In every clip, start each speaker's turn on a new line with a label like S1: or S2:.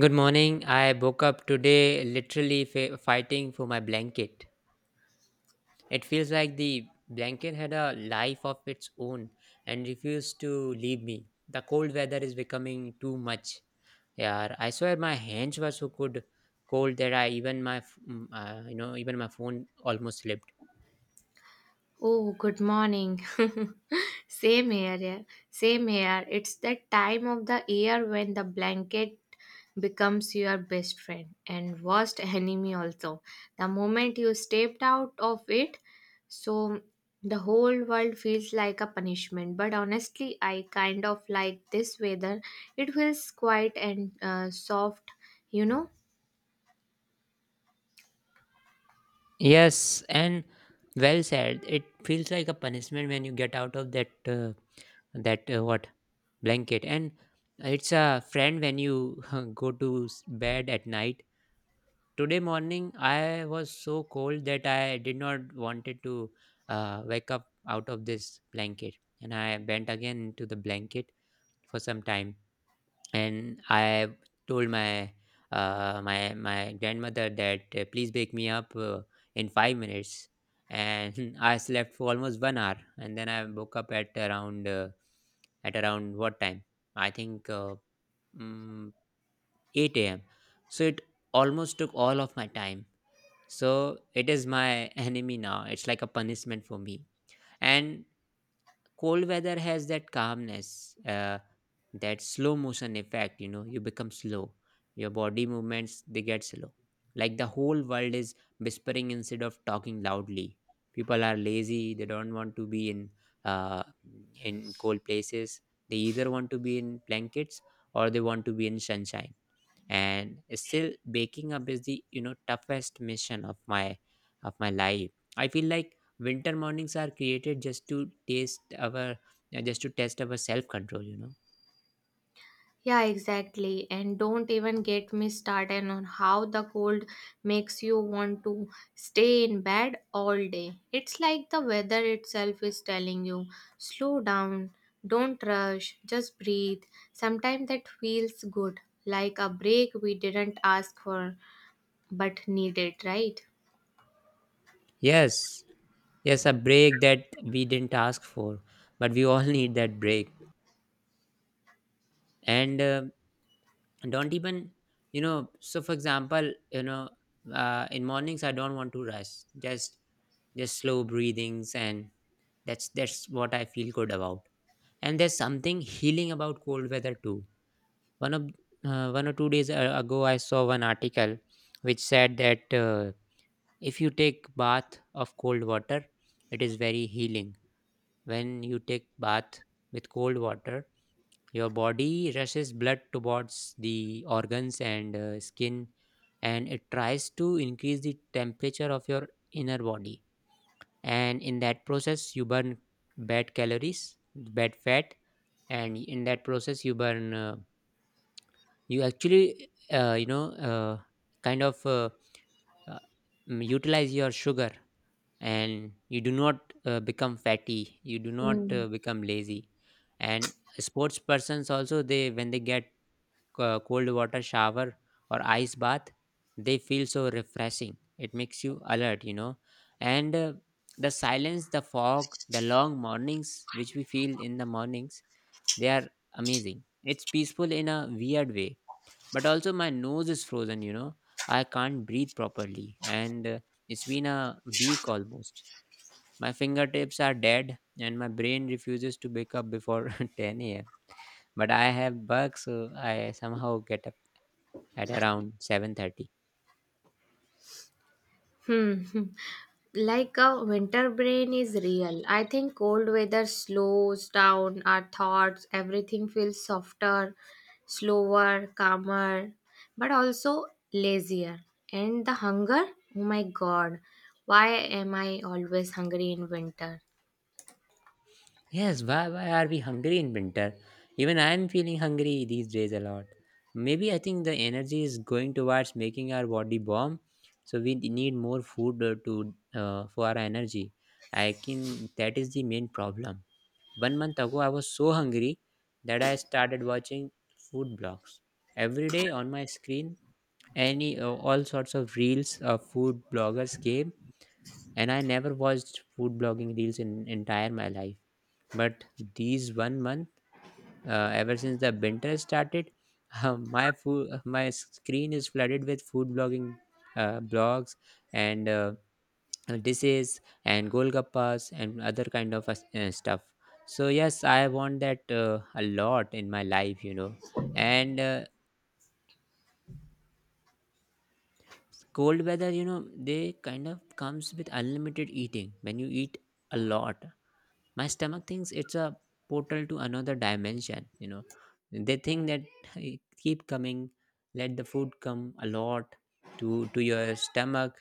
S1: Good morning. I woke up today literally fighting for my blanket. It feels like the blanket had a life of its own and refused to leave me. The cold weather is becoming too much. Yeah, I swear my hands were so cold, cold that I even my f- mm, you know even my phone almost slipped.
S2: Oh, good morning. Same here, yeah. Same here. It's that time of the year when the blanket becomes your best friend and worst enemy also. The moment you stepped out of it, so the whole world feels like a punishment. But honestly, I kind of like this weather. It feels quiet and soft, you know.
S1: Yes, and well said. It feels like a punishment when you get out of that uh, that what blanket, and it's a friend when you go to bed at night. Today morning I was so cold that I did not wanted to wake up out of this blanket, and I bent again into the blanket for some time. And I told my my grandmother that please wake me up in 5 minutes, and I slept for almost one hour, and then I woke up at around what time? I think mm, eight a.m. So it almost took all of my time. So it is my enemy now. It's like a punishment for me, and cold weather has that calmness, that slow motion effect. You know, you become slow. Your body movements, they get slow. Like the whole world is whispering instead of talking loudly. People are lazy. They don't want to be uh, in cold places. They either want to be in blankets or they want to be in sunshine. And still baking up is the, you know, toughest mission of my life. I feel like winter mornings are created just to taste our just to test our self control, you know.
S2: Yeah, exactly. And don't even get me started on how the cold makes you want to stay in bed all day. It's like the weather itself is telling you slow down, don't rush, just breathe. Sometimes that feels good, like a break we didn't ask for but needed, right?
S1: Yes, yes, a break that we didn't ask for, but we all need that break. And don't even, you know, so for example, you know, in mornings I don't want to rush, just just slow breathings, and that's what I feel good about. And there's something healing about cold weather too. One of one or two days ago I saw one article which said that if you take bath of cold water, it is very healing. When you take bath with cold water, your body rushes blood towards the organs and skin, and it tries to increase the temperature of your inner body. And in that process you burn bad calories, bad fat, and in that process you burn you actually you know kind of uh, mm, utilize your sugar. And you do not become fatty, you do not
S2: Hmm.
S1: become lazy. And sports persons also, they when they get cold water shower or ice bath, they feel so refreshing. It makes you alert, you know. And the silence, the fog, the long mornings which we feel in the mornings, they are amazing. It's peaceful in a weird way, but also my nose is frozen, you know. I can't breathe properly, and it's been a week almost. My fingertips are dead and my brain refuses to wake up before 10 a.m, but I have bugs, so I somehow get at around 7:30.
S2: Hmm. Like a winter brain is real. I think cold weather slows down our thoughts, everything feels softer, slower, calmer, but also lazier. And the hunger? Oh my god, why am I always hungry in winter?
S1: Yes, why are we hungry in winter? Even I am feeling hungry these days a lot. Maybe I think the energy is going towards making our body warm, so we need more food to for our energy. I can, that is the main problem. One month ago, I was so hungry that I started watching food blogs every day on my screen. Any all sorts of reels of food bloggers came, and I never watched food blogging reels in entire my life. But these one month, ever since the winter started, my food, my screen is flooded with food blogging blogs, and dishes and golgappas and other kind of stuff. So yes, I want that a lot in my life, you know. And cold weather, you know, they kind of comes with unlimited eating. When you eat a lot, my stomach thinks it's a portal to another dimension, you know. They think that keep coming, let the food come a lot to your stomach.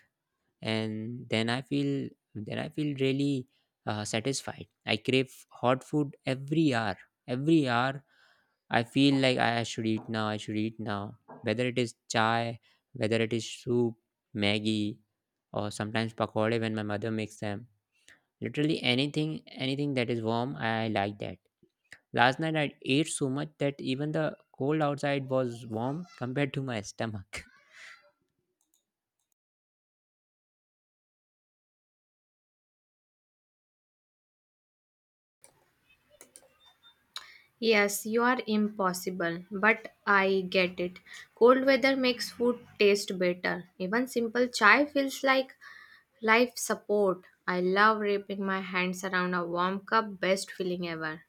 S1: And then I feel, then I feel really satisfied. I crave hot food every hour, every hour. I feel like I should eat now, I should eat now. Whether it is chai, whether it is soup, maggie, or sometimes pakode when my mother makes them. Literally anything, anything that is warm, I like that. Last night I ate so much that even the cold outside was warm compared to my stomach.
S2: Yes, you are impossible, but I get it. Cold weather makes food taste better. Even simple chai feels like life support. I love wrapping my hands around a warm cup, best feeling ever.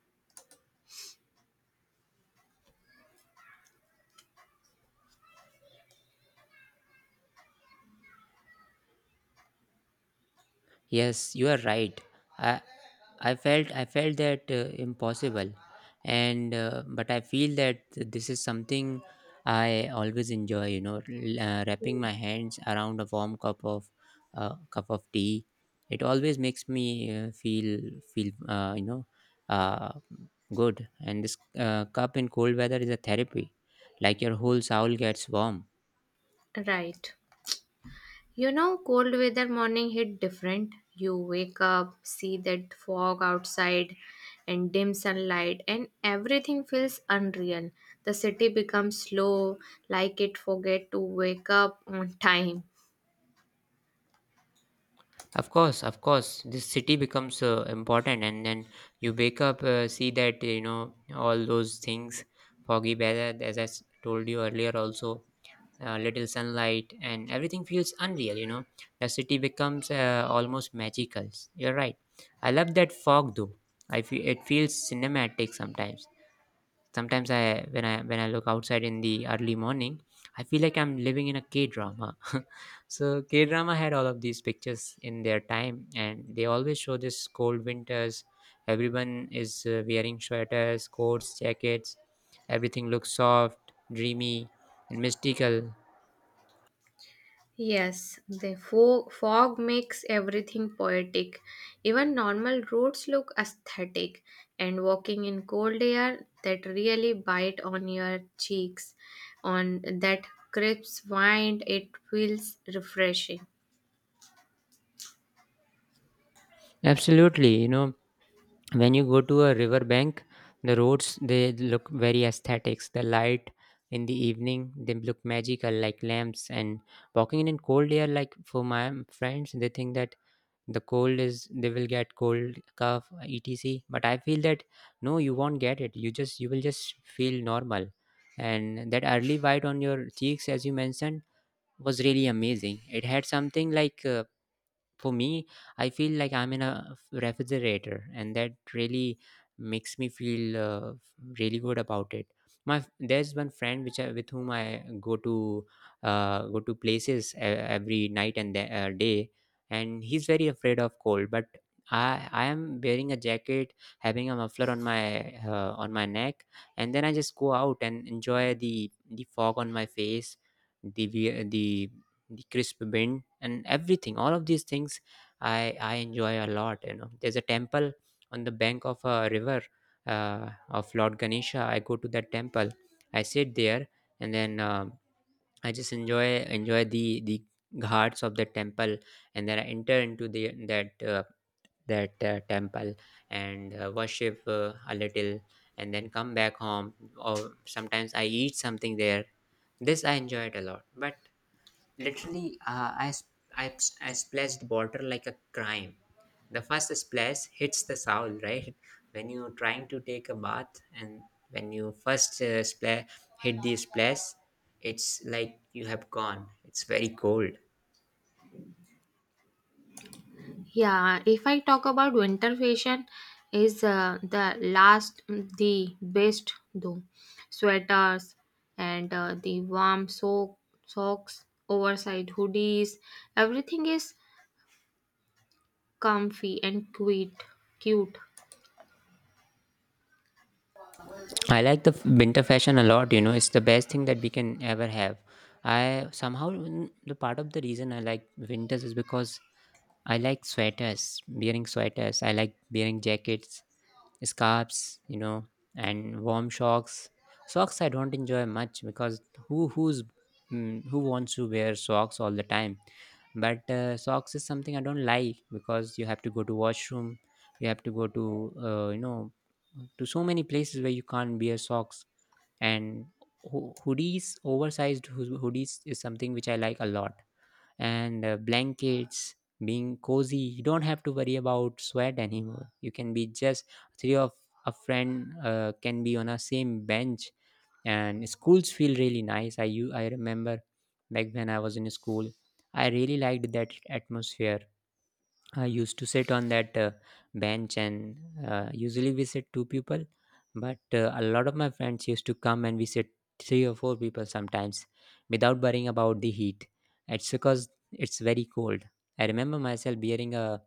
S1: Yes, you are right. I I felt I felt that impossible, and but I feel that this is something I always enjoy. You know, wrapping my hands around a warm cup of tea. It always makes me uh, feel feel uh, good. And this cup in cold weather is a therapy. Like your whole soul gets warm.
S2: Right. Cold weather morning hit different. You wake up, see that fog outside and dim sunlight, and everything feels unreal. The city becomes slow, like it forget to wake up on time.
S1: Of course, this city becomes important, and then you wake up, see that, you know, all those things, foggy weather, as I told you earlier, also little sunlight, and everything feels unreal. You know, the city becomes almost magical. You're right. I love that fog though. I feel it feels cinematic sometimes. Sometimes I, when I look outside in the early morning, I feel like I'm living in a K-drama. So K-drama had all of these pictures in their time, and they always show this cold winters. Everyone is wearing sweaters, coats, jackets. Everything looks soft, dreamy and mystical.
S2: Yes, the fog makes everything poetic. Even normal roads look aesthetic, and walking in cold air that really bite on your cheeks, on that crisp wind, it feels refreshing.
S1: Absolutely, you know, when you go to a river bank, the roads they look very aesthetics, the light in the evening they look magical like lamps. And walking in cold air, like, for my friends, they think that the cold is, they will get cold cough etc, but I feel that no, you won't get it, you just, you will just feel normal. And that early white on your cheeks, as you mentioned, was really amazing. It had something like for me, I feel like I'm in a refrigerator, and that really makes me feel really good about it. My there's one friend which I, with whom I go to go to places every night and the, day, and he's very afraid of cold. But I am wearing a jacket, having a muffler on my neck, and then I just go out and enjoy the fog on my face, the the crisp bend, and everything, all of these things I enjoy a lot. You know, there's a temple on the bank of a river, of lord ganesha. I go to that temple, I sit there, and then I just enjoy, enjoy the ghats of the temple, and then I enter into the that uh, that temple and worship a little, and then come back home, or sometimes I eat something there. This I enjoy it a lot. But literally, I, sp- I, ps- I splashed water like a crime. The first splash hits the soul, right? When you're trying to take a bath and when you first hit the splash, it's like you have gone. It's very cold.
S2: Yeah, if I talk about winter fashion, is the last, the best though. Sweaters and the warm socks, oversized hoodies, everything is comfy and cute. Cute.
S1: I like the winter fashion a lot, you know. It's the best thing that we can ever have. I somehow, the part of the reason I like winters is because I like sweaters, wearing sweaters. I like wearing jackets, scarves, you know, and warm socks. Socks I don't enjoy much because who who's who wants to wear socks all the time? But socks is something I don't like because you have to go to washroom, you have to go to, you know, to so many places where you can't wear socks. And hoodies, is something which I like a lot. And blankets, being cozy, you don't have to worry about sweat anymore. You can be just three of a friend can be on a same bench. And schools feel really nice. I remember, back when I was in school, I really liked that atmosphere. I used to sit on that bench, and usually we sit two people, but a lot of my friends used to come and we sit three or four people sometimes without worrying about the heat. It's because it's very cold. I remember myself wearing a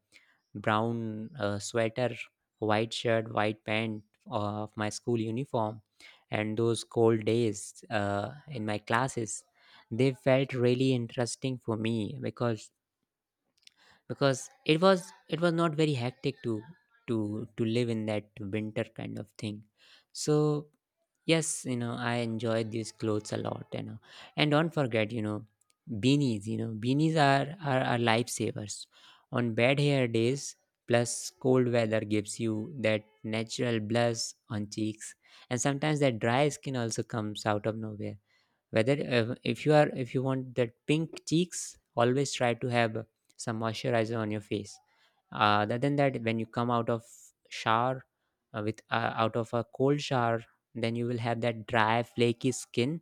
S1: brown sweater, white shirt, white pant of my school uniform, and those cold days in my classes, they felt really interesting for me because it was not very hectic to to live in that winter kind of thing, so yes, I enjoyed these clothes a lot. And don't forget, beanies. Beanies are lifesavers on bad hair days. Plus cold weather gives you that natural blush on cheeks, and sometimes that dry skin also comes out of nowhere. Whether if you are if you want that pink cheeks, always try to have some moisturizer on your face. Other than that, when you come out of shower, with out of a cold shower, then you will have that dry flaky skin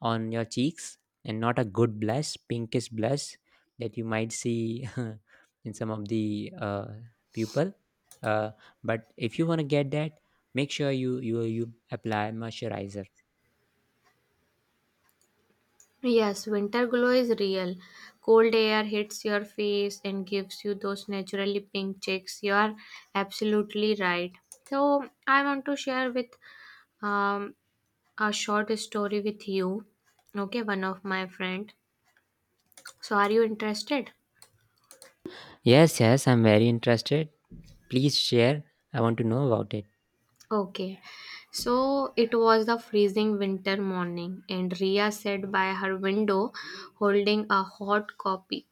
S1: on your cheeks and not a good blush, pinkish blush, that you might see in some of the people. uh, but if you want to get that, make sure you apply moisturizer.
S2: Yes, winter glow is real. Cold air hits your face and gives you those naturally pink cheeks. You are absolutely right. So, I want to share with um, a short story with you. Okay, one of my friend. So, are you interested?
S1: Yes, yes, I'm very interested. Please share. I want to know about it.
S2: Okay. So it was the freezing winter morning, and Ria sat by her window holding a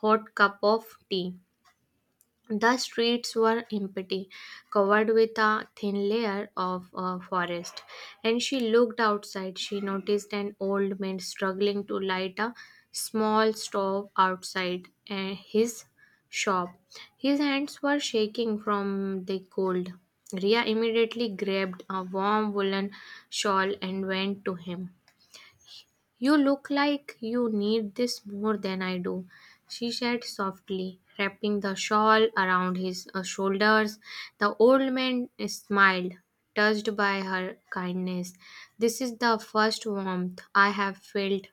S2: hot cup of tea. The streets were empty, covered with a thin layer of forest. And she looked outside. She noticed an old man struggling to light a small stove outside his shop. His hands were shaking from the cold. Ria immediately grabbed a warm woolen shawl and went to him. You look like you need this more than I do, she said softly, wrapping the shawl around his shoulders. The old man smiled, touched by her kindness. This is the first warmth I have felt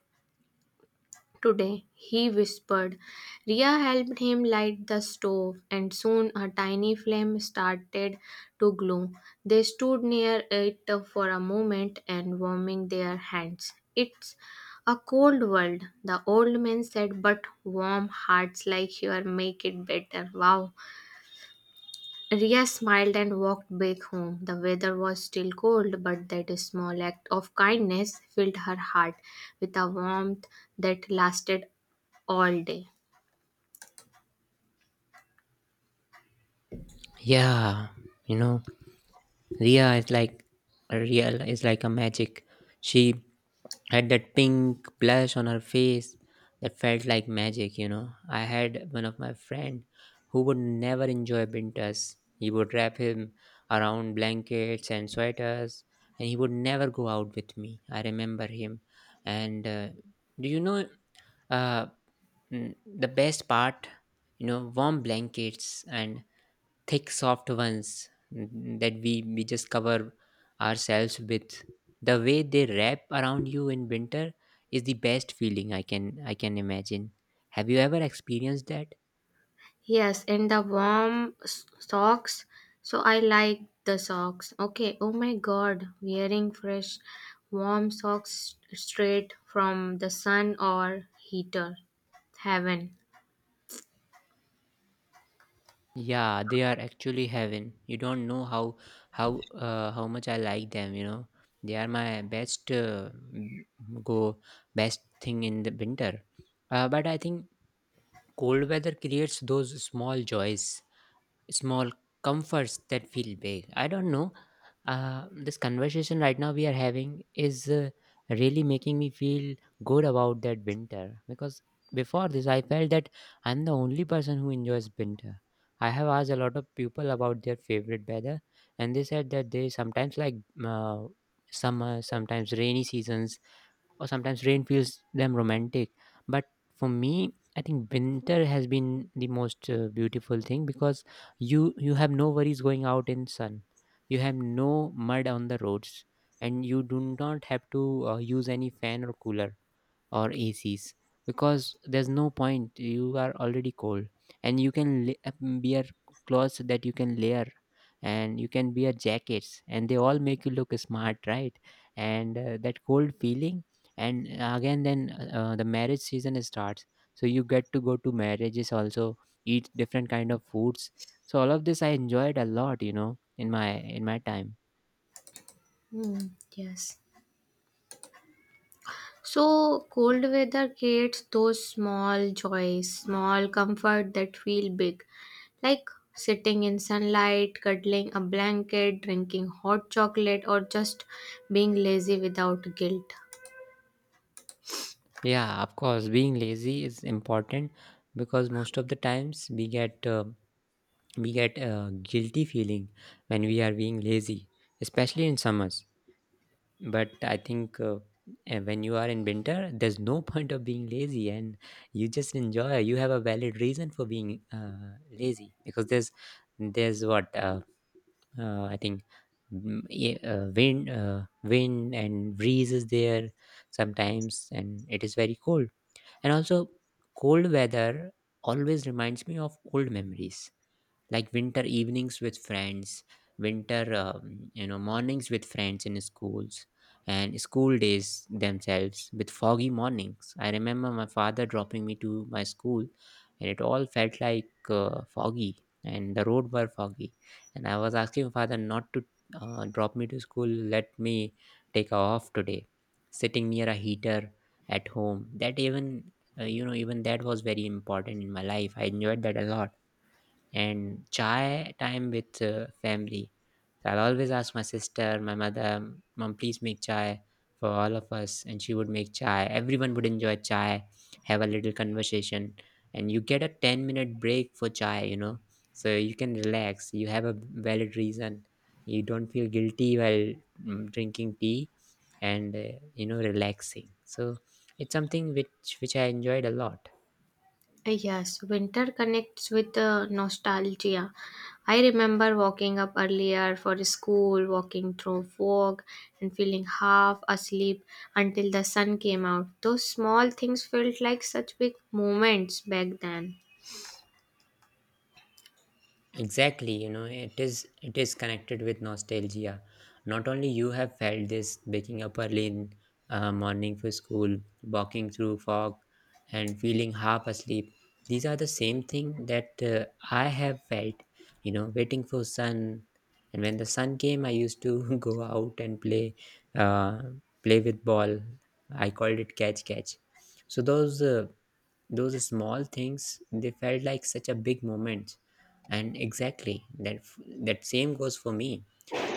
S2: today, he whispered. Ria helped him light the stove, and soon a tiny flame started to glow. They stood near it for a moment and warming their hands. It's a cold world, the old man said, but warm hearts like yours make it better. Wow. Ria smiled and walked back home. The weather was still cold, but that small act of kindness filled her heart with a warmth that lasted all day.
S1: Yeah, you know, Ria is like a real, is like a magic. She had that pink blush on her face that felt like magic, you know. I had one of my friend who would never enjoy winters. He would wrap him around blankets and sweaters, and he would never go out with me. I remember him. And do you know, uh, the best part? You know, warm blankets and thick soft ones, that we just cover ourselves with, the way they wrap around you in winter, is the best feeling I can imagine. Have you ever experienced that?
S2: Yes, and the warm socks. So I like the socks. Okay, oh my god, wearing fresh warm socks straight from the sun or heater. Heaven.
S1: Yeah, they are actually heaven. You don't know how how much I like them, you know. They are my best m- go best thing in the winter. But I think cold weather creates those small joys, small comforts that feel big. I don't know, this conversation right now we are having is really making me feel good about that winter, because before this I felt that I'm the only person who enjoys winter. I have asked a lot of people about their favorite weather, and they said that they sometimes like uh, summer, sometimes rainy seasons, or sometimes rain feels them romantic. But for me, I think winter has been the most beautiful thing, because you have no worries going out in sun, you have no mud on the roads, and you do not have to use any fan or cooler or ACs, because there's no point. You are already cold, and you can wear clothes that you can layer, and you can wear jackets, and they all make you look smart, right? And that cold feeling, and again, then the marriage season starts, so you get to go to marriages also, eat different kind of foods. So all of this I enjoyed a lot, you know, in my time.
S2: Hmm, yes. So, cold weather creates those small joys, small comfort that feel big, like sitting in sunlight, cuddling a blanket, drinking hot chocolate, or just being lazy without guilt.
S1: Yeah, of course, being lazy is important, because most of the times we get we get a guilty feeling when we are being lazy, especially in summers. But I think, when you are in winter, there's no point of being lazy, and you just enjoy. You have a valid reason for being lazy, because there's what I think, wind and breeze is there sometimes, and it is very cold. And also cold weather always reminds me of old memories, like winter evenings with friends, winter you know, mornings with friends in schools, and school days themselves with foggy mornings. I remember my father dropping me to my school, and it all felt like foggy, and the road were foggy, and I was asking my father not to drop me to school, let me take off today, sitting near a heater at home. That even, you know, even that was very important in my life. I enjoyed that a lot, and chai time with family. So I'll always ask my sister, my mother, Mom, please make chai for all of us. And she would make chai. Everyone would enjoy chai, have a little conversation. And you get a 10-minute break for chai, you know. So you can relax. You have a valid reason. You don't feel guilty while drinking tea and, you know, relaxing. So it's something which I enjoyed a lot.
S2: Yes, winter connects with nostalgia. I remember walking up earlier for school, walking through fog, and feeling half asleep until the sun came out. Those small things felt like such big moments back then.
S1: Exactly, you know, it is connected with nostalgia. Not only you have felt this, waking up early in morning for school, walking through fog, and feeling half asleep. These are the same thing that I have felt. You know, waiting for sun, and when the sun came, I used to go out and play, uh, play with ball. I called it catch catch. So those small things, they felt like such a big moment, and exactly that that same goes for me.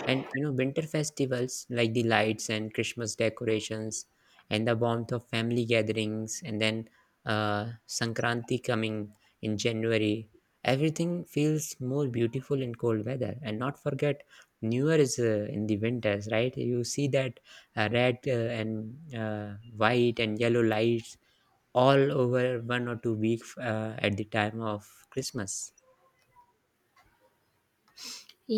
S1: And you know, winter festivals like the lights and Christmas decorations and the warmth of family gatherings, and then Sankranti coming in January, everything feels more beautiful in cold weather. And not forget, new year is in the winters, right? You see that red and white and yellow lights all over 1 or 2 weeks at the time of Christmas.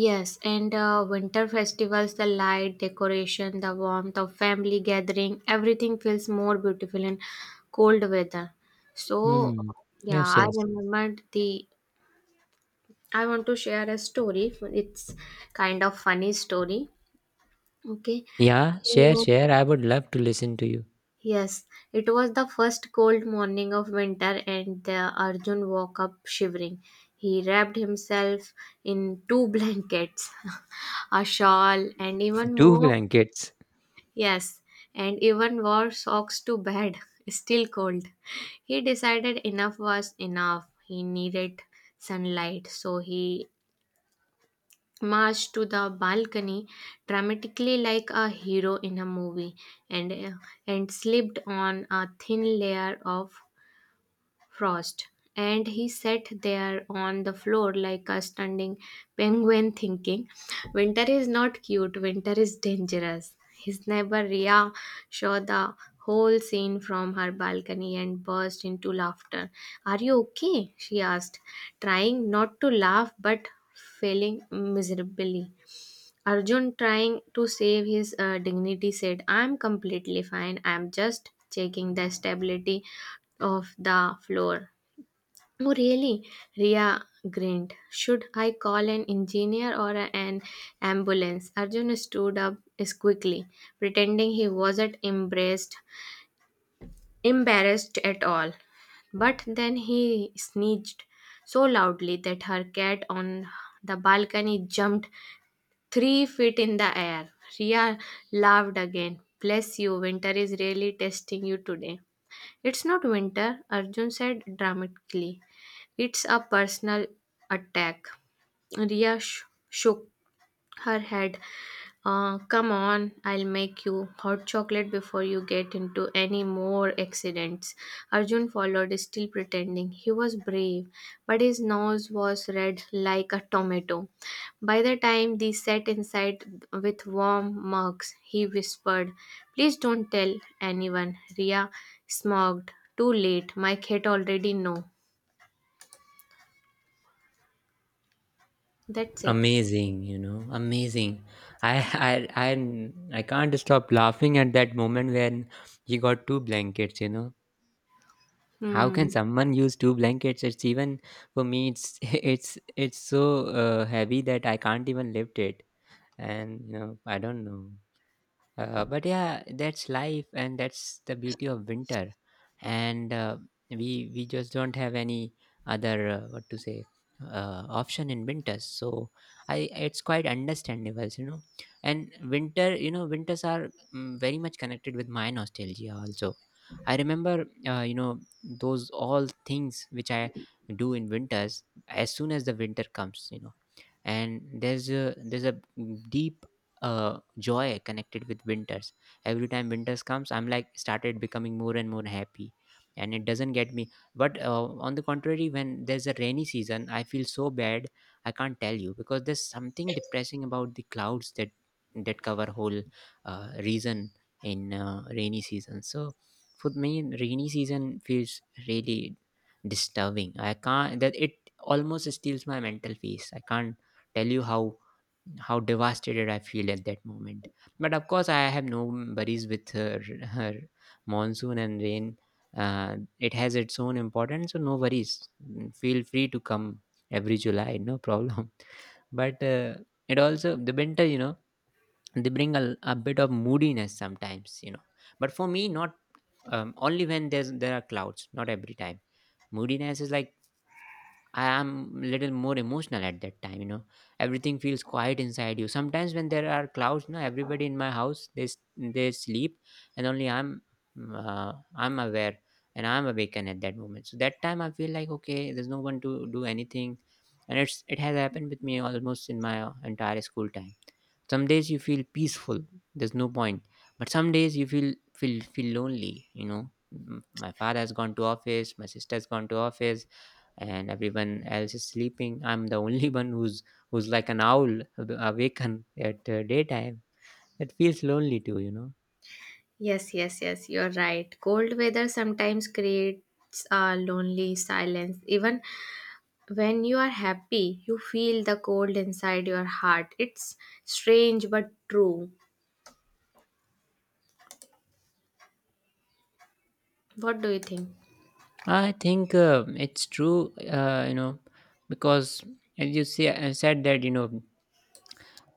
S2: Yes, and winter festivals, the light, decoration, the warmth of family gathering, everything feels more beautiful in cold weather. So,
S1: Hmm.
S2: yeah,
S1: Yes,
S2: I
S1: yes.
S2: remembered the. I want to share a story. It's kind of funny story. Okay.
S1: Yeah, share,
S2: So,
S1: share. I would love to listen to you.
S2: yes, it was the first cold morning of winter, and the Arjun woke up shivering. He wrapped himself in two blankets, a shawl, and even
S1: Two
S2: more.
S1: blankets.
S2: Yes, and even wore socks to bed, still cold. He decided enough was enough. He needed sunlight, so he marched to the balcony dramatically like a hero in a movie and, and slipped on a thin layer of frost, and he sat there on the floor like a standing penguin, thinking, Winter is not cute, winter is dangerous. His neighbor Ria saw the whole scene from her balcony and burst into laughter. Are you okay? she asked, trying not to laugh but failing miserably. Arjun, trying to save his dignity, said, I'm completely fine. I'm just checking the stability of the floor. Oh, really? Ria grinned. Should I call an engineer or an ambulance? Arjun stood up quickly, pretending he wasn't embarrassed at all. But then he sneezed so loudly that her cat on the balcony jumped 3 feet in the air. Ria laughed again. Bless you, winter is really testing you today. It's not winter, Arjun said dramatically. It's a personal attack. Ria shook her head. Come on, I'll make you hot chocolate before you get into any more accidents. Arjun followed, still pretending he was brave, but his nose was red like a tomato. By the time they sat inside with warm mugs, he whispered, Please don't tell anyone. Ria smiled. Too late. My cat already know. That's it.
S1: Amazing, you know, amazing. I, I, I, I can't stop laughing at that moment when he got two blankets. You know, how
S2: Hmm.
S1: can someone use two blankets? It's even for me, it's it's so heavy that I can't even lift it. And you know, I don't know. But yeah, that's life, and that's the beauty of winter. And we just don't have any other what to say, option in winters. So I, it's quite understandable, you know. And winter, you know, winters are very much connected with my nostalgia. Also, I remember, you know, those all things which I do in winters as soon as the winter comes. You know, and there's a deep joy connected with winters. Every time winters comes, I'm like started becoming more and more happy, and it doesn't get me. But on the contrary, when there's a rainy season, I feel so bad, I can't tell you, because there's something depressing about the clouds, that cover whole reason in rainy season. So for me, rainy season feels really disturbing, I can't, that it almost steals my mental peace. I can't tell you how devastated I feel at that moment. But of course, I have no worries with her, monsoon and rain. It has its own importance, so no worries. Feel free to come every July, no problem. But it also the winter, you know, they bring a bit of moodiness sometimes, you know. But for me, not only when there's there are clouds, not every time. Moodiness is like I am little more emotional at that time, you know. Everything feels quiet inside you. Sometimes when there are clouds, no, everybody in my house they they sleep, and only I'm I'm aware and I'm awakened at that moment. So that time I feel like okay, there's no one to do anything, and it has happened with me almost in my entire school time. Some days you feel peaceful, there's no point, but some days you feel lonely, you know. My father has gone to office, my sister's gone to office, and everyone else is sleeping. I'm the only one who's like an owl awaken at daytime. It feels lonely too, you know.
S2: Yes, yes, yes, you're right. Cold weather sometimes creates a lonely silence. Even when you are happy, you feel the cold inside your heart. It's strange but true. What do you think?
S1: I think it's true, you know, because as you say, I said that, you know,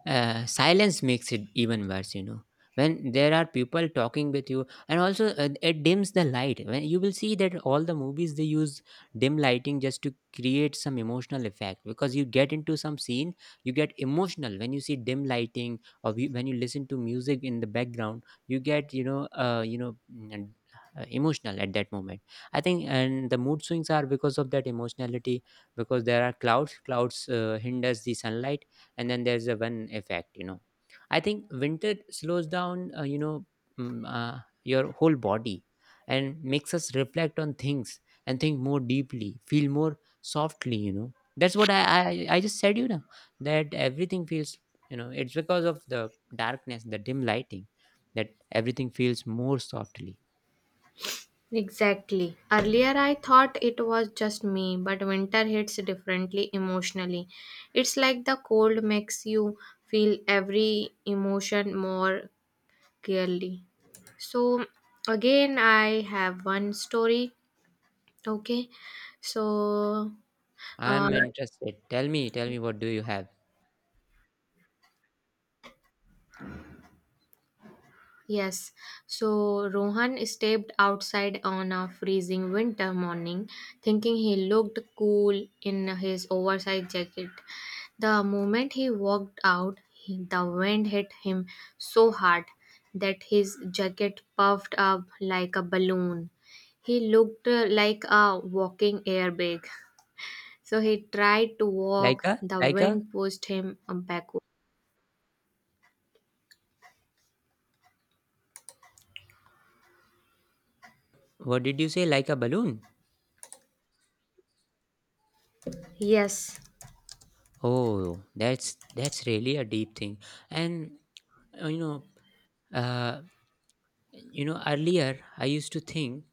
S1: silence makes it even worse, you know, when there are people talking with you. And also it dims the light. When you will see that, all the movies, they use dim lighting just to create some emotional effect, because you get into some scene. You get emotional when you see dim lighting, or when you listen to music in the background, you get, emotional at that moment. I think, and the mood swings are because of that emotionality, because there are clouds, clouds hinders the sunlight, and then there's a one effect, you know. I think winter slows down, mm, uh, your whole body, and makes us reflect on things and think more deeply, feel more softly, you know. That's what I just said, that everything feels, it's because of the darkness, the dim lighting, that everything feels more softly.
S2: Exactly. Earlier, I thought it was just me, but winter hits differently emotionally. It's like the cold makes you feel every emotion more clearly. So, again, I have one story. Okay, so uh,
S1: I'm interested, tell me, tell me, what do you have.
S2: yes, so Rohan stepped outside on a freezing winter morning, thinking he looked cool in his oversized jacket. The moment he walked out, the wind hit him so hard that his jacket puffed up like a balloon. He looked like a walking airbag. So he tried to walk,
S1: like a
S2: the
S1: like a
S2: wind pushed him backward.
S1: What did you say, like a balloon?
S2: Yes,
S1: Oh, that's really a deep thing. And, uh, you know, uh, earlier I used to think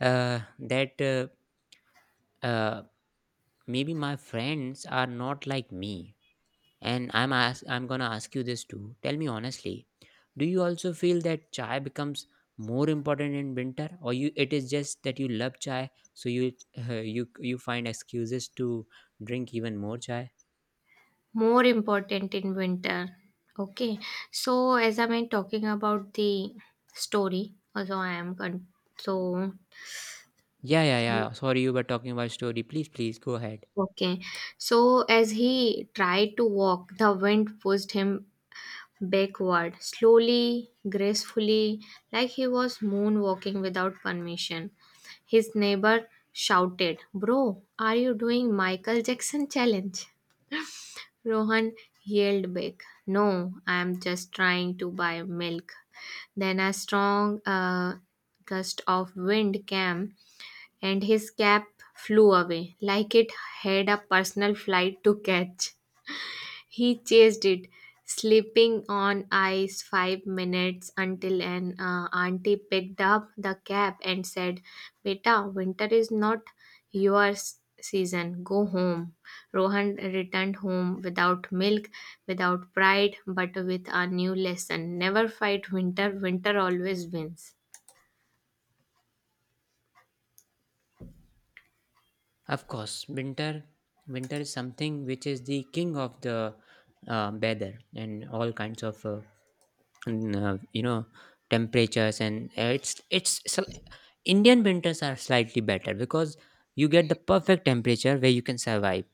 S1: that uh, maybe my friends are not like me. And I'm gonna ask you this too. Tell me honestly, do you also feel that chai becomes more important in winter, or you it is just that you love chai, so you you find excuses to drink even more chai?
S2: more important in winter. Okay, so as I'm in talking about the story, also so
S1: Yeah, yeah, yeah. Sorry, you were talking about story. Please, please go ahead.
S2: okay, so as he tried to walk, the wind pushed him backward slowly, gracefully, like he was moonwalking without permission. His neighbor shouted, Bro, are you doing Michael Jackson challenge? Rohan yelled back, No, I am just trying to buy milk. Then a strong gust of wind came, and his cap flew away like it had a personal flight to catch. He chased it, slipping on ice 5 minutes until an auntie picked up the cap and said, Beta, winter is not your season. Go home. Rohan returned home without milk, without pride, but with a new lesson. Never fight winter, winter always wins.
S1: Of course, winter is something which is the king of the weather and all kinds of n- uh, you know temperatures, and Indian winters are slightly better because you get the perfect temperature where you can survive.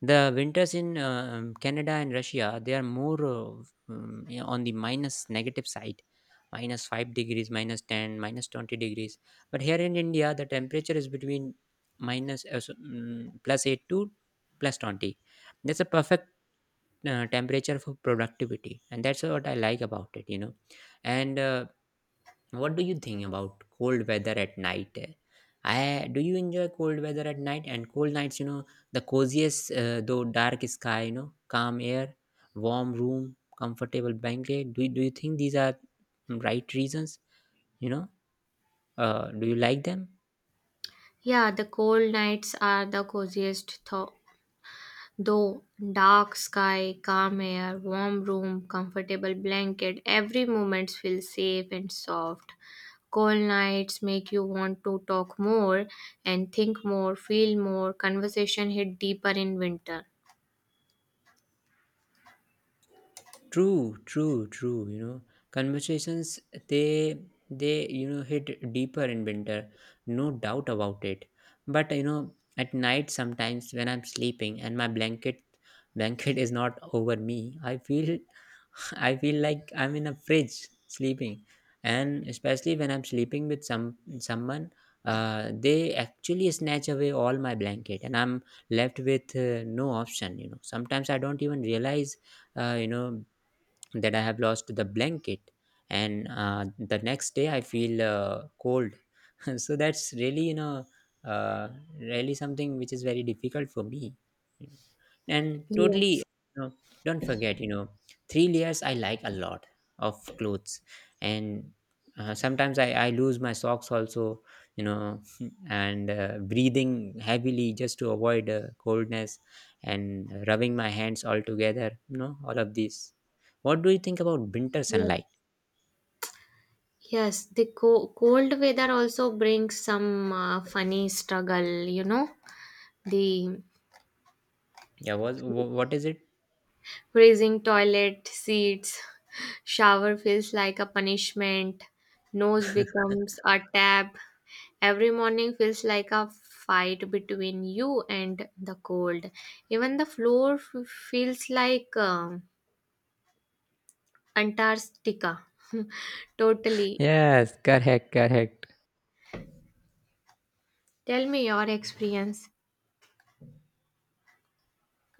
S1: The winters in Canada and Russia, they are more yeah, on the minus negative side, minus 5 degrees, minus 10, minus 20 degrees. But here in India, the temperature is between plus 8 to plus 20. That's a perfect temperature for productivity, and that's what I like about it, you know. And what do you think about cold weather at night? I Do you enjoy cold weather at night and cold nights? You know the coziest, though dark sky, you know, calm air, warm room, comfortable blanket. Do you think these are right reasons? You know, do you like them?
S2: Yeah, the cold nights are the coziest. Though dark sky, calm air, warm room, comfortable blanket, every moment feels safe and soft. Cold nights make you want to talk more and think more, feel more. Conversation hit deeper in winter.
S1: True, true, true. You know, conversations, they they hit deeper in winter, no doubt about it. But you know, at night sometimes when I'm sleeping and my blanket is not over me, I feel I feel like I'm in a fridge sleeping. And especially when I'm sleeping with someone, they actually snatch away all my blanket, and I'm left with no option. You know, sometimes I don't even realize uh, you know that I have lost the blanket, and the next day I feel cold. So that's really, uh, really something which is very difficult for me, you know and
S2: Yes,
S1: totally, don't forget, three layers I like a lot of clothes. And sometimes I lose my socks also, you know. And breathing heavily just to avoid coldness, and rubbing my hands all together, you know, all of these. What do you think about winter
S2: yes.
S1: sunlight?
S2: Yes, the cold weather also brings some funny struggle. The
S1: Yeah, what is it?
S2: Raising toilet seats, shower feels like a punishment, nose becomes a tab. Every morning feels like a fight between you and the cold. Even the floor feels like Antarctica. Totally.
S1: Yes, correct, correct.
S2: Tell me your experience.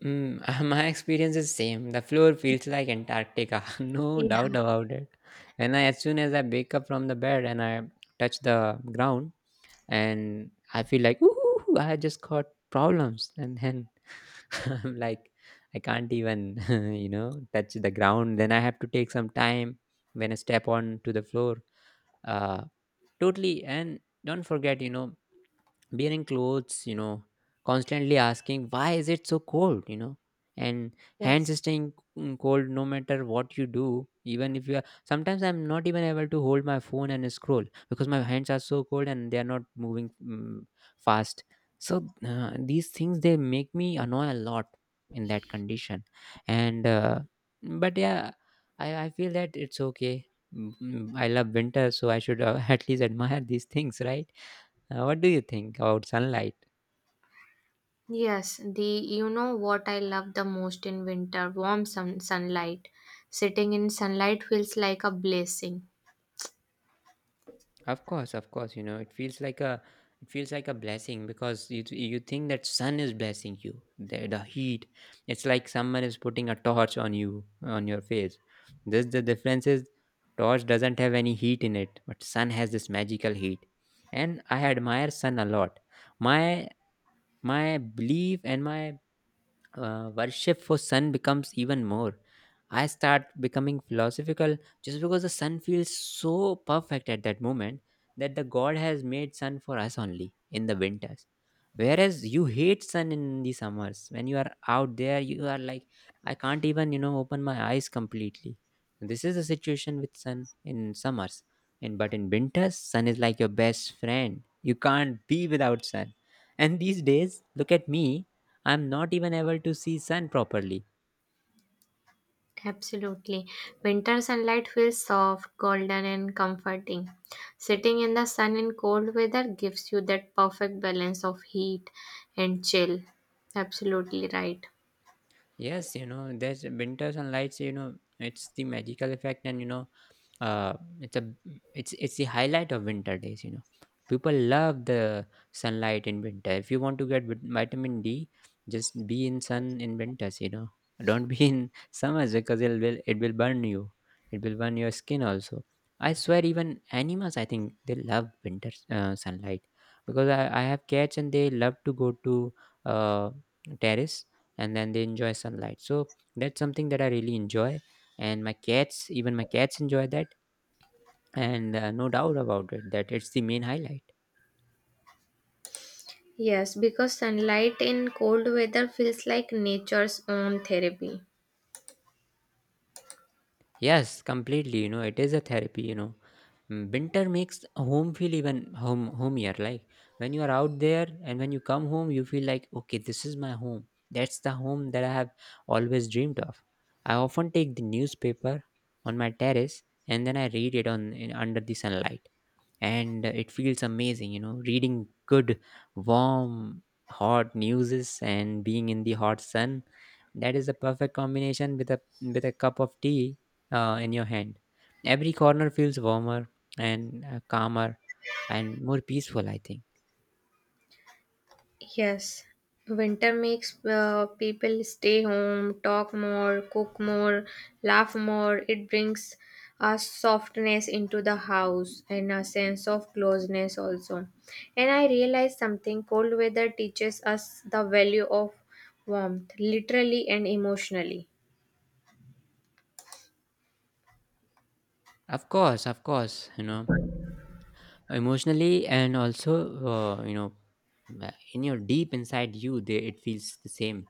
S1: Mm, my experience is same. The floor feels like Antarctica, no
S2: Yeah.
S1: doubt about it. And as soon as I wake up from the bed and I touch the ground, and I feel like, ooh, I just got problems. And then I'm like, I can't even, you know, touch the ground. Then I have to take some time when I step on to the floor. Uh, Totally. And don't forget, wearing clothes, constantly asking, why is it so cold, and
S2: Yes.
S1: hands staying cold no matter what you do. Even if sometimes I'm not even able to hold my phone and scroll, because my hands are so cold and they are not moving fast. So these things, they make me annoy a lot in that condition, and but yeah, I feel that it's okay. I love winter, so I should, at least admire these things, right? What do you think about sunlight?
S2: Yes, the you know what I love the most in winter, warm sun, sunlight. Sitting in sunlight feels like a blessing.
S1: Of course, you know, it feels like a blessing because you think that sun is blessing you. The heat, it's like someone is putting a torch on you, on your face. This The difference is, torch doesn't have any heat in it, but sun has this magical heat. And I admire sun a lot. My my belief and my worship for sun becomes even more. I start becoming philosophical, just because the sun feels so perfect at that moment, that the god has made sun for us only in the winters, whereas you hate sun in the summers. When you are out there, you are like, I can't even, you know, open my eyes completely. This is the situation with sun in summers. And but in winters, sun is like your best friend, you can't be without sun. And these days, look at me, I'm not even able to see sun properly.
S2: Absolutely. Winter sunlight feels soft, golden, and comforting. Sitting in the sun in cold weather gives you that perfect balance of heat and chill. Absolutely right.
S1: Yes, you know, there's winter sunlights, you know, it's the magical effect. And, uh, it's a it's it's the highlight of winter days. People love the sunlight in winter. If you want to get vitamin D, just be in sun in winters, you know. Don't be in summers because it will burn you, it will burn your skin also. I swear, even animals, I think they love winter sunlight, because I have cats and they love to go to uh, terrace, and then they enjoy sunlight. So that's something that I really enjoy, and my cats, even my cats enjoy that. And no doubt about it that it's the main highlight.
S2: Yes, because sunlight in cold weather feels like nature's own therapy.
S1: Yes, completely, you know, it is a therapy, you know. Winter makes home feel even home homier, like when you are out there and when you come home, you feel like, okay, this is my home, that's the home that I have always dreamed of. I often take the newspaper on my terrace, and then I read it under the sunlight, and it feels amazing, you know, reading good, warm, hot newses, and being in the hot sun. That is a perfect combination with a cup of tea in your hand. Every corner feels warmer and calmer and more peaceful, I think.
S2: Yes, winter makes people stay home, talk more, cook more, laugh more. It brings a softness into the house and a sense of closeness also. And I realized something cold weather teaches us the value of warmth, literally and emotionally.
S1: Of course, of course, you know, emotionally, and also, uh, you know in your deep inside you, they, it feels the same.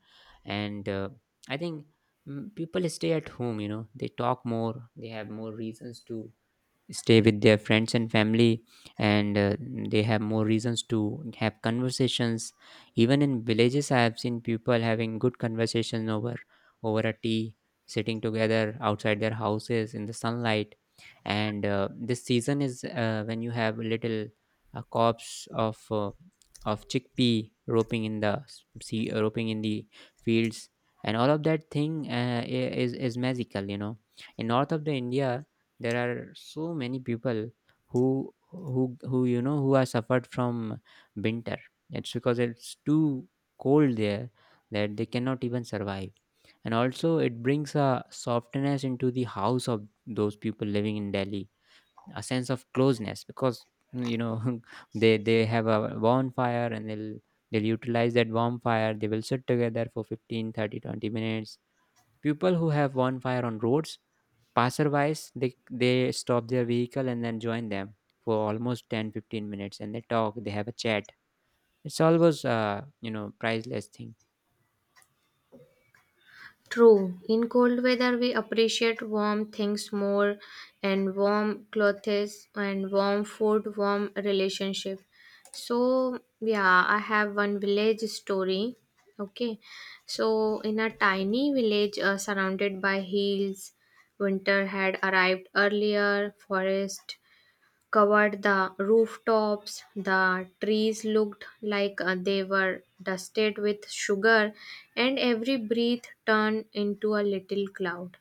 S1: And I think, people stay at home, you know, they talk more, they have more reasons to stay with their friends and family. And they have more reasons to have conversations. Even in villages I have seen people having good conversations over a tea, sitting together outside their houses in the sunlight. And this season is when you have little crops of chickpea roping in the s- sea roping in the fields, and all of that thing, is magical, you know. In north of the India, there are so many people who who are suffered from winter. It's because it's too cold there that they cannot even survive. And also, it brings a softness into the house of those people living in Delhi, a sense of closeness, because you know, they have a bonfire, and they'll utilize that bonfire. They will sit together for 15, 30, 20 minutes. People who have bonfire on roads, passerbys, they stop their vehicle and then join them for almost 10 15 minutes, and they talk, they have a chat. It's always, priceless thing.
S2: True. In cold weather, we appreciate warm things more, and warm clothes, and warm food, warm relationship. So yeah, I have one village story. Okay, so in a tiny village surrounded by hills, winter had arrived earlier. Forest covered the rooftops. The trees looked like they were dusted with sugar, and every breath turned into a little cloud.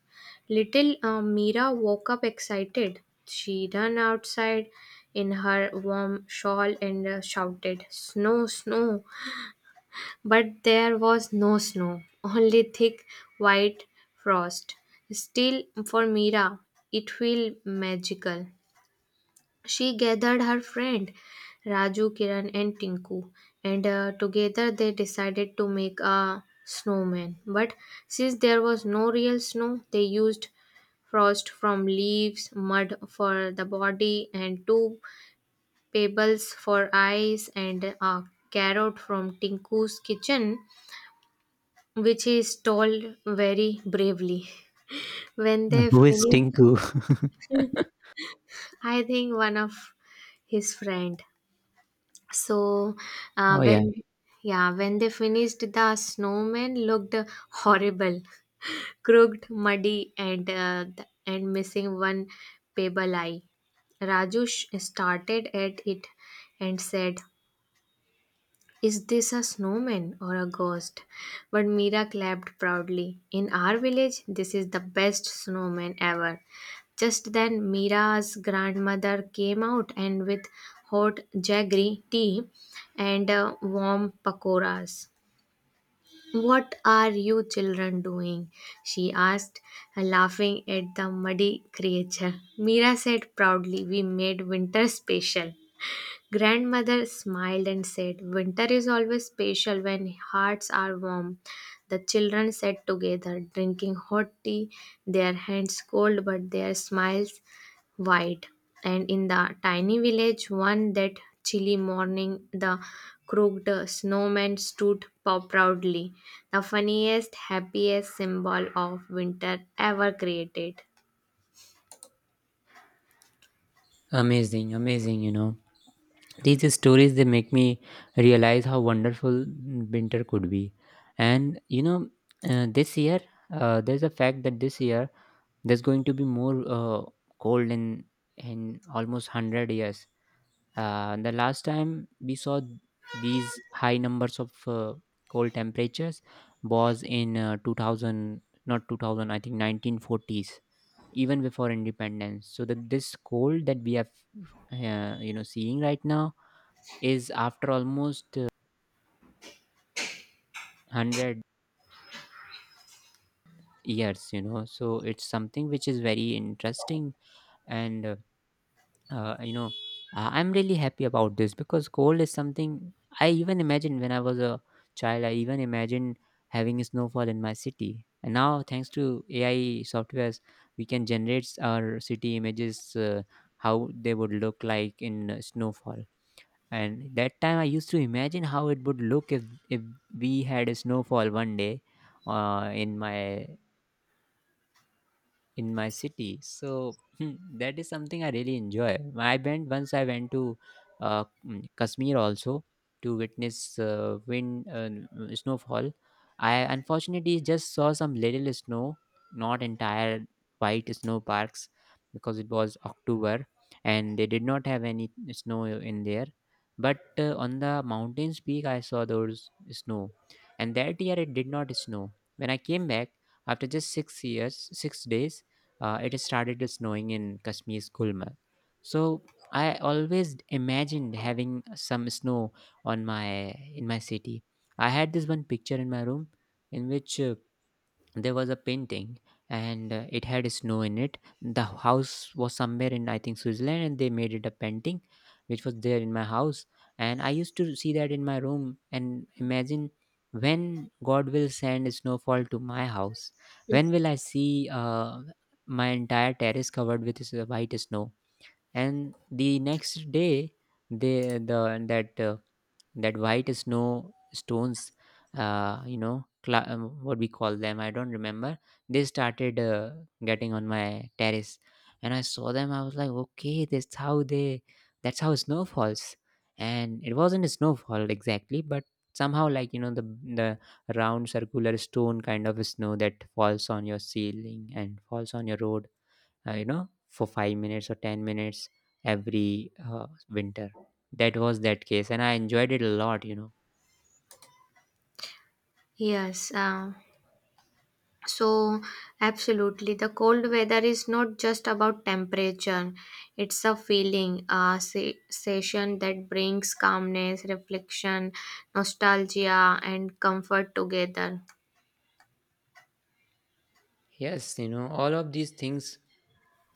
S2: Little Mira woke up excited. She ran outside in her warm shawl and shouted, Snow, snow! But there was no snow, only thick white frost. Still, for Mira, it felt magical. She gathered her friend Raju, Kiran, and Tinku, and together they decided to make a snowman. But since there was no real snow, they used frost from leaves, mud for the body, and two pebbles for eyes, and a carrot from Tinku's kitchen, which he stole very bravely. When they
S1: Who is
S2: finished,
S1: Tinku?
S2: I think one of his friend. So uh,
S1: Oh, yeah.
S2: when yeah, when they finished, the snowman looked horrible, crooked, muddy, and missing one pebble eye. Raju started at it and said, is this a snowman or a ghost? But Mira clapped proudly. In our village, this is the best snowman ever. Just then, Mira's grandmother came out and with hot jaggery tea and warm pakoras. What are you children doing? She asked, laughing at the muddy creature. Mira said proudly, we made winter special. Grandmother smiled and said, winter is always special when hearts are warm. The children sat together, drinking hot tea, their hands cold but their smiles wide. And in the tiny village, one that chilly morning, the crooked snowman stood proudly, the funniest, happiest symbol of winter ever created.
S1: Amazing, amazing, you know, these stories, they make me realize how wonderful winter could be. And you know, this year there's a fact that this year, there's going to be more cold in almost 100 years. The last time we saw these high numbers of cold temperatures was in 2000, not 2000, I think 1940s, even before independence. So that this cold that we have, seeing right now, is after almost 100 years. You know, so it's something which is very interesting. And, uh, you know I'm really happy about this, because cold is something I even imagined. When I was a child, I even imagined having a snowfall in my city. And now, thanks to AI softwares, we can generate our city images, how they would look like in snowfall. And that time I used to imagine how it would look if we had a snowfall one day uh, in my in my city. So, that is something I really enjoy. I went once. I went to Kashmir also to witness snowfall. I unfortunately just saw some little snow, not entire white snow parks, because it was October and they did not have any snow in there. But on the mountains peak, I saw those snow, and that year it did not snow. When I came back after just 6 years, 6 days, it started snowing in Kashmir's Gulmarg. So I always imagined having some snow on my in my city. I had this one picture in my room in which there was a painting and it had snow in it. The house was somewhere in, I think, Switzerland, and they made it a painting which was there in my house. And I used to see that in my room and imagine when God will send snowfall to my house. When will I see my entire terrace covered with white snow? And the next day, the that uh, that white snow stones, what we call them, I don't remember, they started getting on my terrace. And I saw them, I was like, okay, that's how snow falls. And it wasn't a snowfall exactly, but somehow, like, you know, the round circular stone kind of snow that falls on your ceiling and falls on your road you know, for 5 minutes or 10 minutes every winter. That was that case, and I enjoyed it a lot, you know.
S2: Yes, So, absolutely, the cold weather is not just about temperature, it's a feeling, a session that brings calmness, reflection, nostalgia, and comfort together.
S1: Yes, you know, all of these things,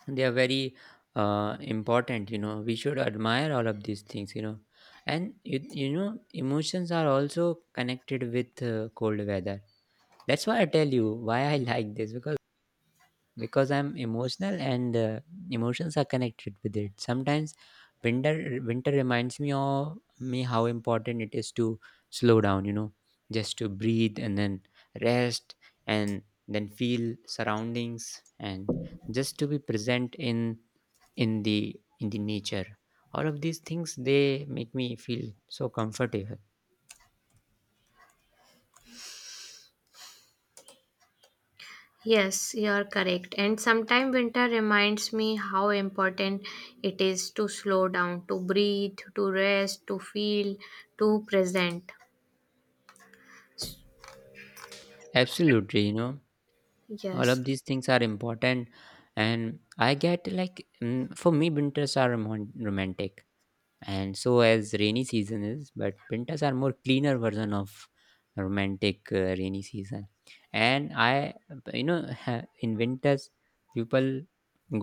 S1: they are very important, you know. We should admire all of these things, you know. And you know, emotions are also connected with cold weather. That's why I tell you why I like this, because I'm emotional, and emotions are connected with it. Sometimes winter winter reminds me of me how important it is to slow down, you know, just to breathe, and then rest, and then feel surroundings, and just to be present in in the in the nature. All of these things, they make me feel so comfortable.
S2: Yes, you're correct. And sometimes winter reminds me how important it is to slow down, to breathe, to rest, to feel, to present.
S1: Absolutely, you know, all
S2: Yes,
S1: of these things are important. And I get like, mm, for me, winters are romantic, and so as rainy season is, but pintas are more cleaner version of romantic rainy season. And I, you know, in winters, people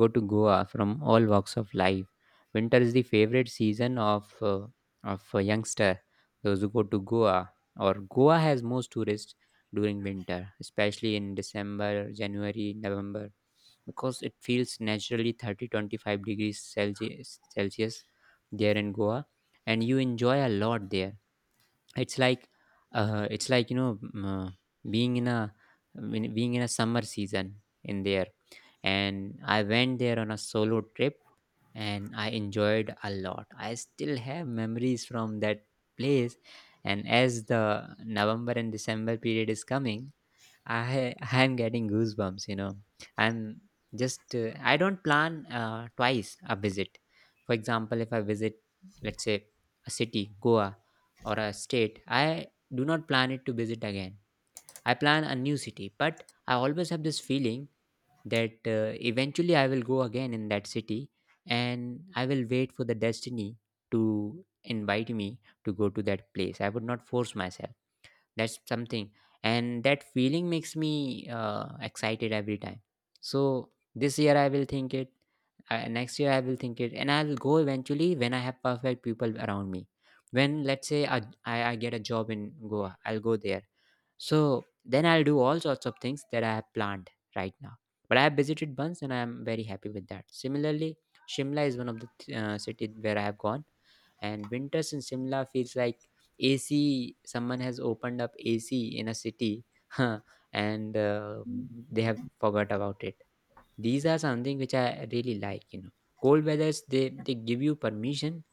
S1: go to Goa from all walks of life. Winter is the favorite season of a youngster. Those who go to Goa, or Goa has most tourists during winter, especially in December, January, November, because it feels naturally 30 25 degrees celsius there in Goa, and you enjoy a lot there. It's like, it's like, you know, being in a being in a summer season in there. And I went there on a solo trip, and I enjoyed a lot. I still have memories from that place. And as the November and December period is coming, I am getting goosebumps, you know. I'm just I don't plan twice a visit. For example, if I visit, let's say, a city, Goa, or a state, I do not plan it to visit again. I plan a new city, but I always have this feeling that eventually I will go again in that city, and I will wait for the destiny to invite me to go to that place. I would not force myself. That's something. And that feeling makes me excited every time. So this year I will think it, next year I will think it, and I'll go eventually when I have perfect people around me. When, let's say, I get a job in Goa, I'll go there. So then I'll do all sorts of things that I have planned right now. But I have visited once and I am very happy with that. Similarly, Shimla is one of the city where I have gone, and winters in Shimla feels like AC. Someone has opened up AC in a city, and they have forgot about it. These are something which I really like, you know. Cold weathers they give you permission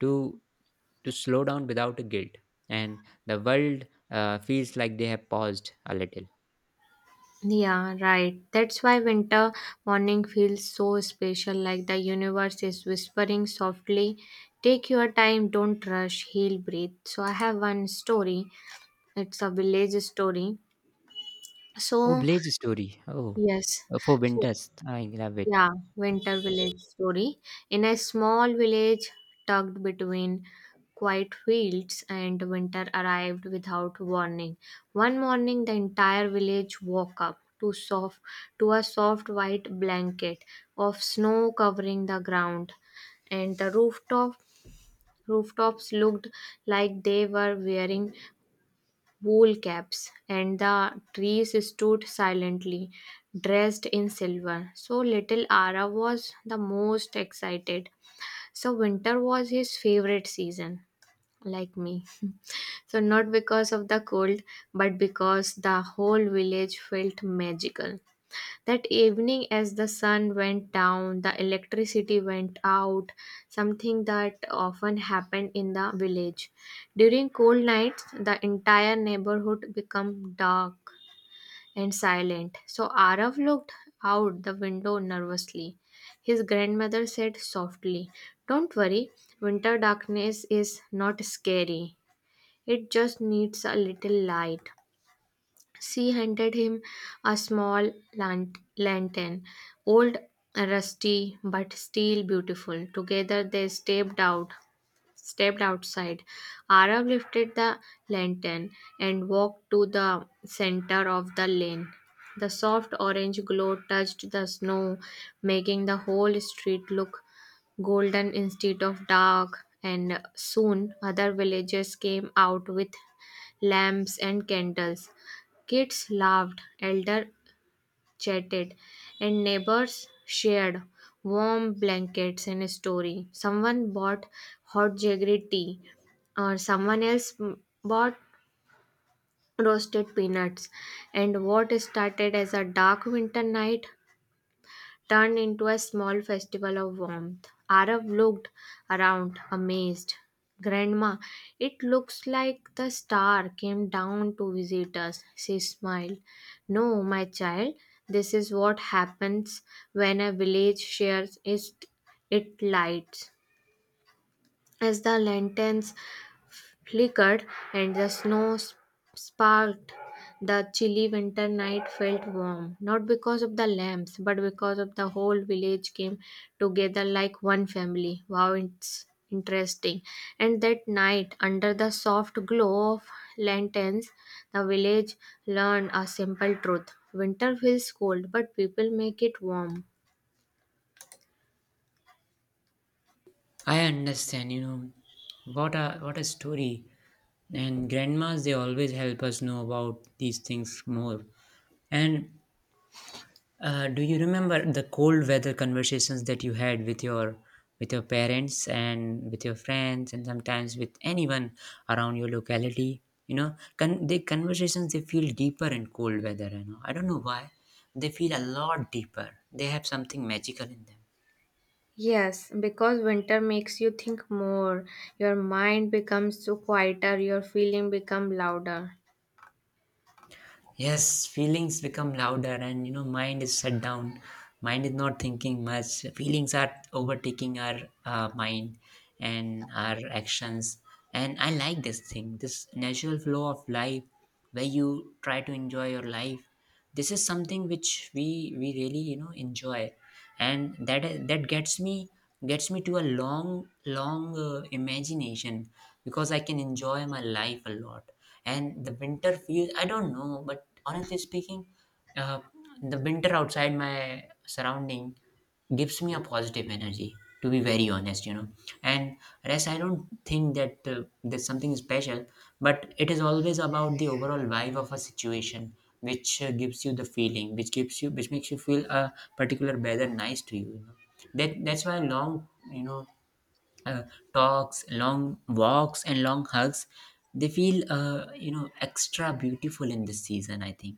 S1: to to slow down without a guilt, and the world feels like they have paused a little.
S2: yeah, right. That's why winter morning feels so special, like the universe is whispering softly. Take your time, don't rush, heal, breathe. So, I have one story. It's a village story.
S1: Oh,
S2: So,
S1: Blaze story. Oh,
S2: yes.
S1: for
S2: So,
S1: winters, I love it.
S2: yeah, Winter Village story. In a small village tucked between quiet fields and winter arrived without warning. One morning the entire village woke up to soft to a soft white blanket of snow covering the ground and the rooftops looked like they were wearing wool caps, and the trees stood silently, dressed in silver. So little Ara was the most excited. So winter was his favorite season, like me. So not because of the cold, but because the whole village felt magical. That evening, as the sun went down, the electricity went out, something that often happened in the village. During cold nights, the entire neighborhood became dark and silent. So Arav looked out the window nervously. His grandmother said softly, don't worry, winter darkness is not scary. It just needs a little light. She handed him a small lantern, old, rusty, but still beautiful. Together they stepped outside. Arab lifted the lantern and walked to the center of the lane. The soft orange glow touched the snow, making the whole street look golden instead of dark. And soon other villagers came out with lamps and candles. Kids laughed, elders chatted, and neighbors shared warm blankets and a story. Someone bought hot jaggery tea, or someone else bought roasted peanuts. And what started as a dark winter night turned into a small festival of warmth. Arab looked around, amazed. Grandma, it looks like the star came down to visit us, she smiled. No, my child, this is what happens when a village shares its lights. As the lanterns flickered, and the snow sparkled. The chilly winter night felt warm, not because of the lamps, but because of the whole village came together like one family. Wow, it's interesting. And that night, under the soft glow of lanterns, the village learned a simple truth. Winter feels cold, but people make it warm.
S1: I understand. You know, what a story. And grandmas, they always help us know about these things more. And uh, do you remember the cold weather conversations that you had with your parents and with your friends and sometimes with anyone around your locality? You know, the conversations, they feel deeper in cold weather. You know, I don't know why they feel a lot deeper. They have something magical in them.
S2: Yes, because winter makes you think more. Your mind becomes so quieter, your feeling become louder.
S1: Yes, feelings become louder, and you know, mind is shut down. Mind is not thinking much. Feelings are overtaking our mind and our actions. And I like this thing, this natural flow of life where you try to enjoy your life. This is something which we really, you know, enjoy, and that gets me to a long long imagination, because I can enjoy my life a lot. And the winter feels, I don't know, but honestly speaking, uh, the winter outside my surrounding gives me a positive energy, to be very honest, you know. And rest, I don't think that there's something special, but it is always about the overall vibe of a situation which gives you the feeling, which gives you, which makes you feel a particular weather nice to you, you know? That that's why long, you know, uh, talks, long walks, and long hugs, they feel you know, extra beautiful in this season, I think.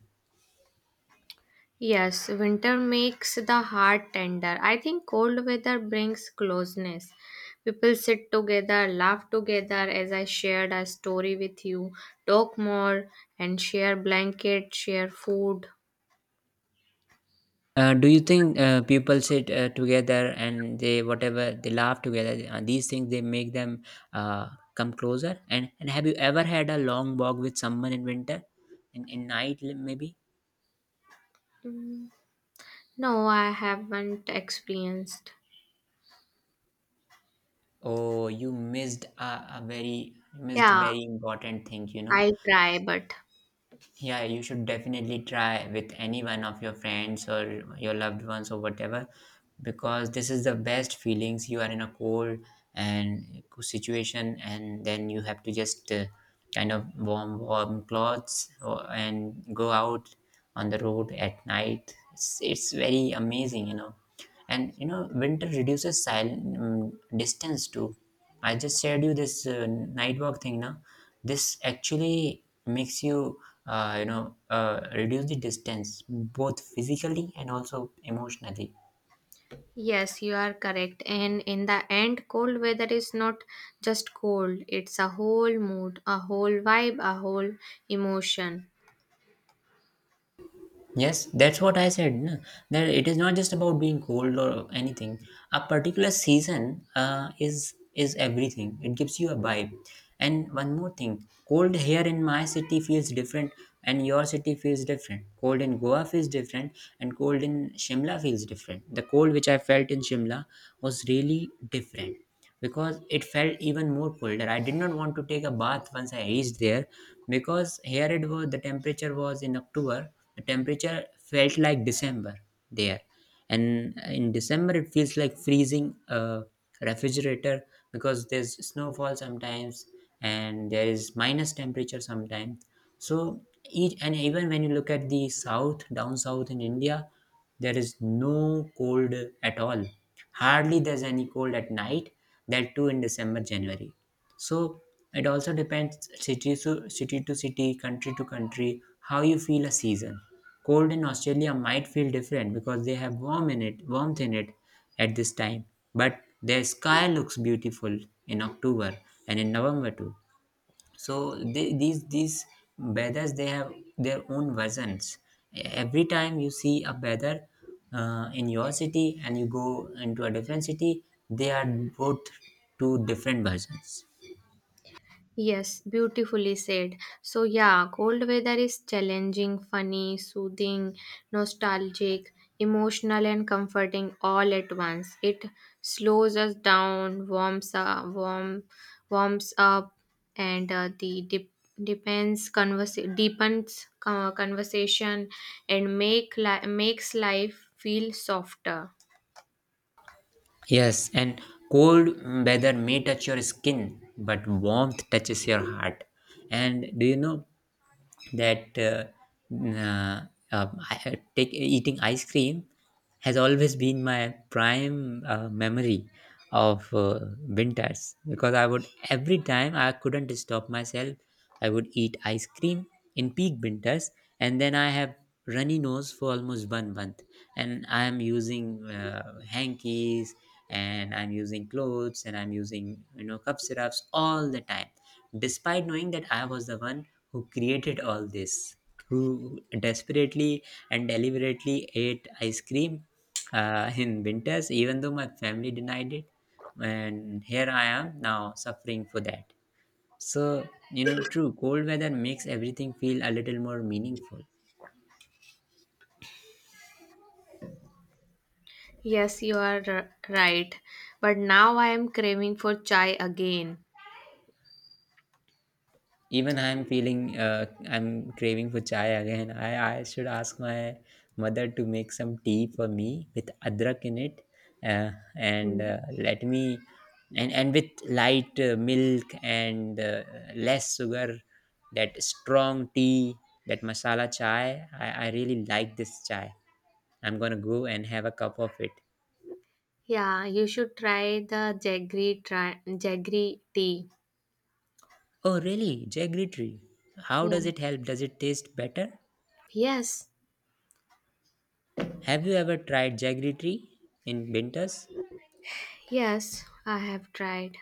S2: Yes, winter makes the heart tender. I think cold weather brings closeness. People sit together, laugh together as I shared a story with you, talk more and share blanket, share food.
S1: Do you think people sit together and they, whatever, they laugh together? Uh, these things, they make them uh, come closer. And have you ever had a long walk with someone in winter, in night maybe?
S2: No, I haven't experienced.
S1: Oh, you missed a very missed
S2: Yeah,
S1: very important thing. You know,
S2: I try but
S1: yeah, you should definitely try with any one of your friends or your loved ones or whatever, because this is the best feelings. You are in a cold and cool situation, and then you have to just kind of warm clothes, or, and go out on the road at night. It's very amazing, you know. And you know, winter reduces silent, mm, distance too. I just shared you this night work thing now. This actually makes you, reduce the distance both physically and also emotionally.
S2: yes, you are correct. And in the end, cold weather is not just cold, it's a whole mood, a whole vibe, a whole emotion.
S1: Yes, that's what I said, no? That it is not just about being cold or anything. A particular season is everything. It gives you a vibe. And one more thing, cold here in my city feels different, and your city feels different. Cold in Goa feels different, and cold in Shimla feels different. The cold which I felt in Shimla was really different because it felt even more colder. I did not want to take a bath once I reached there, because here it was, the temperature was, in October the temperature felt like December there. And in December it feels like freezing a refrigerator, because there's snowfall sometimes, and there is minus temperature sometimes. So each, and even when you look at the south down south in India, there is no cold at all. Hardly there's any cold at night, that too in December, January. So it also depends city to city, country to country, how you feel a season. Cold in Australia might feel different because they have warmth in it at this time. But their sky looks beautiful in October and in November too. So they, these bedders, they have their own versions. Every time you see a bedder in your city and you go into a different city, they are both two different versions.
S2: Yes, beautifully said. So yeah, cold weather is challenging, funny, soothing, nostalgic, emotional and comforting all at once. It slows us down, warms up and the depends deepens conversation and makes life feel softer.
S1: Yes, and cold weather may touch your skin, but warmth touches your heart. And do you know that uh, eating ice cream has always been my prime memory of winters? Because I would, every time I couldn't stop myself, I would eat ice cream in peak winters, and then I have runny nose for almost 1 month, and I am using hankies, and I'm using clothes, and I'm using, you know, cup syrups all the time, despite knowing that I was the one who created all this, who desperately and deliberately ate ice cream in winters, even though my family denied it. And here I am now suffering for that. So you know, true cold weather makes everything feel a little more meaningful.
S2: Yes, you are right. But now I am craving for chai again.
S1: Even I'm feeling, I'm craving for chai again. I should ask my mother to make some tea for me with adrak in it, uh, and
S2: Hmm.
S1: let me, and with light milk and less sugar. That strong tea, that masala chai. I really like this chai. I'm gonna go and have a cup of it.
S2: Yeah, you should try the jaggery tea.
S1: Oh, really? Jaggery tree. How
S2: Yeah.
S1: does it help? Does it taste better?
S2: Yes.
S1: Have you ever tried jaggery tree in winters?
S2: Yes, I have tried.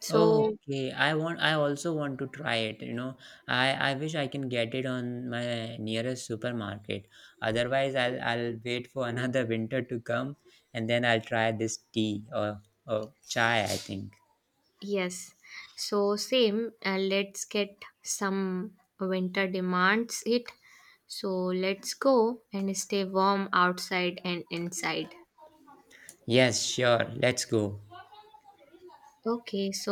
S2: So,
S1: Okay, I want. I also want to try it. You know, I wish I can get it on my nearest supermarket. Otherwise, I'll wait for another winter to come, and then I'll try this tea or chai, I think.
S2: yes. So same, let's get some winter demands it. So let's go and stay warm outside and inside.
S1: Yes, sure. Let's go.
S2: Okay, so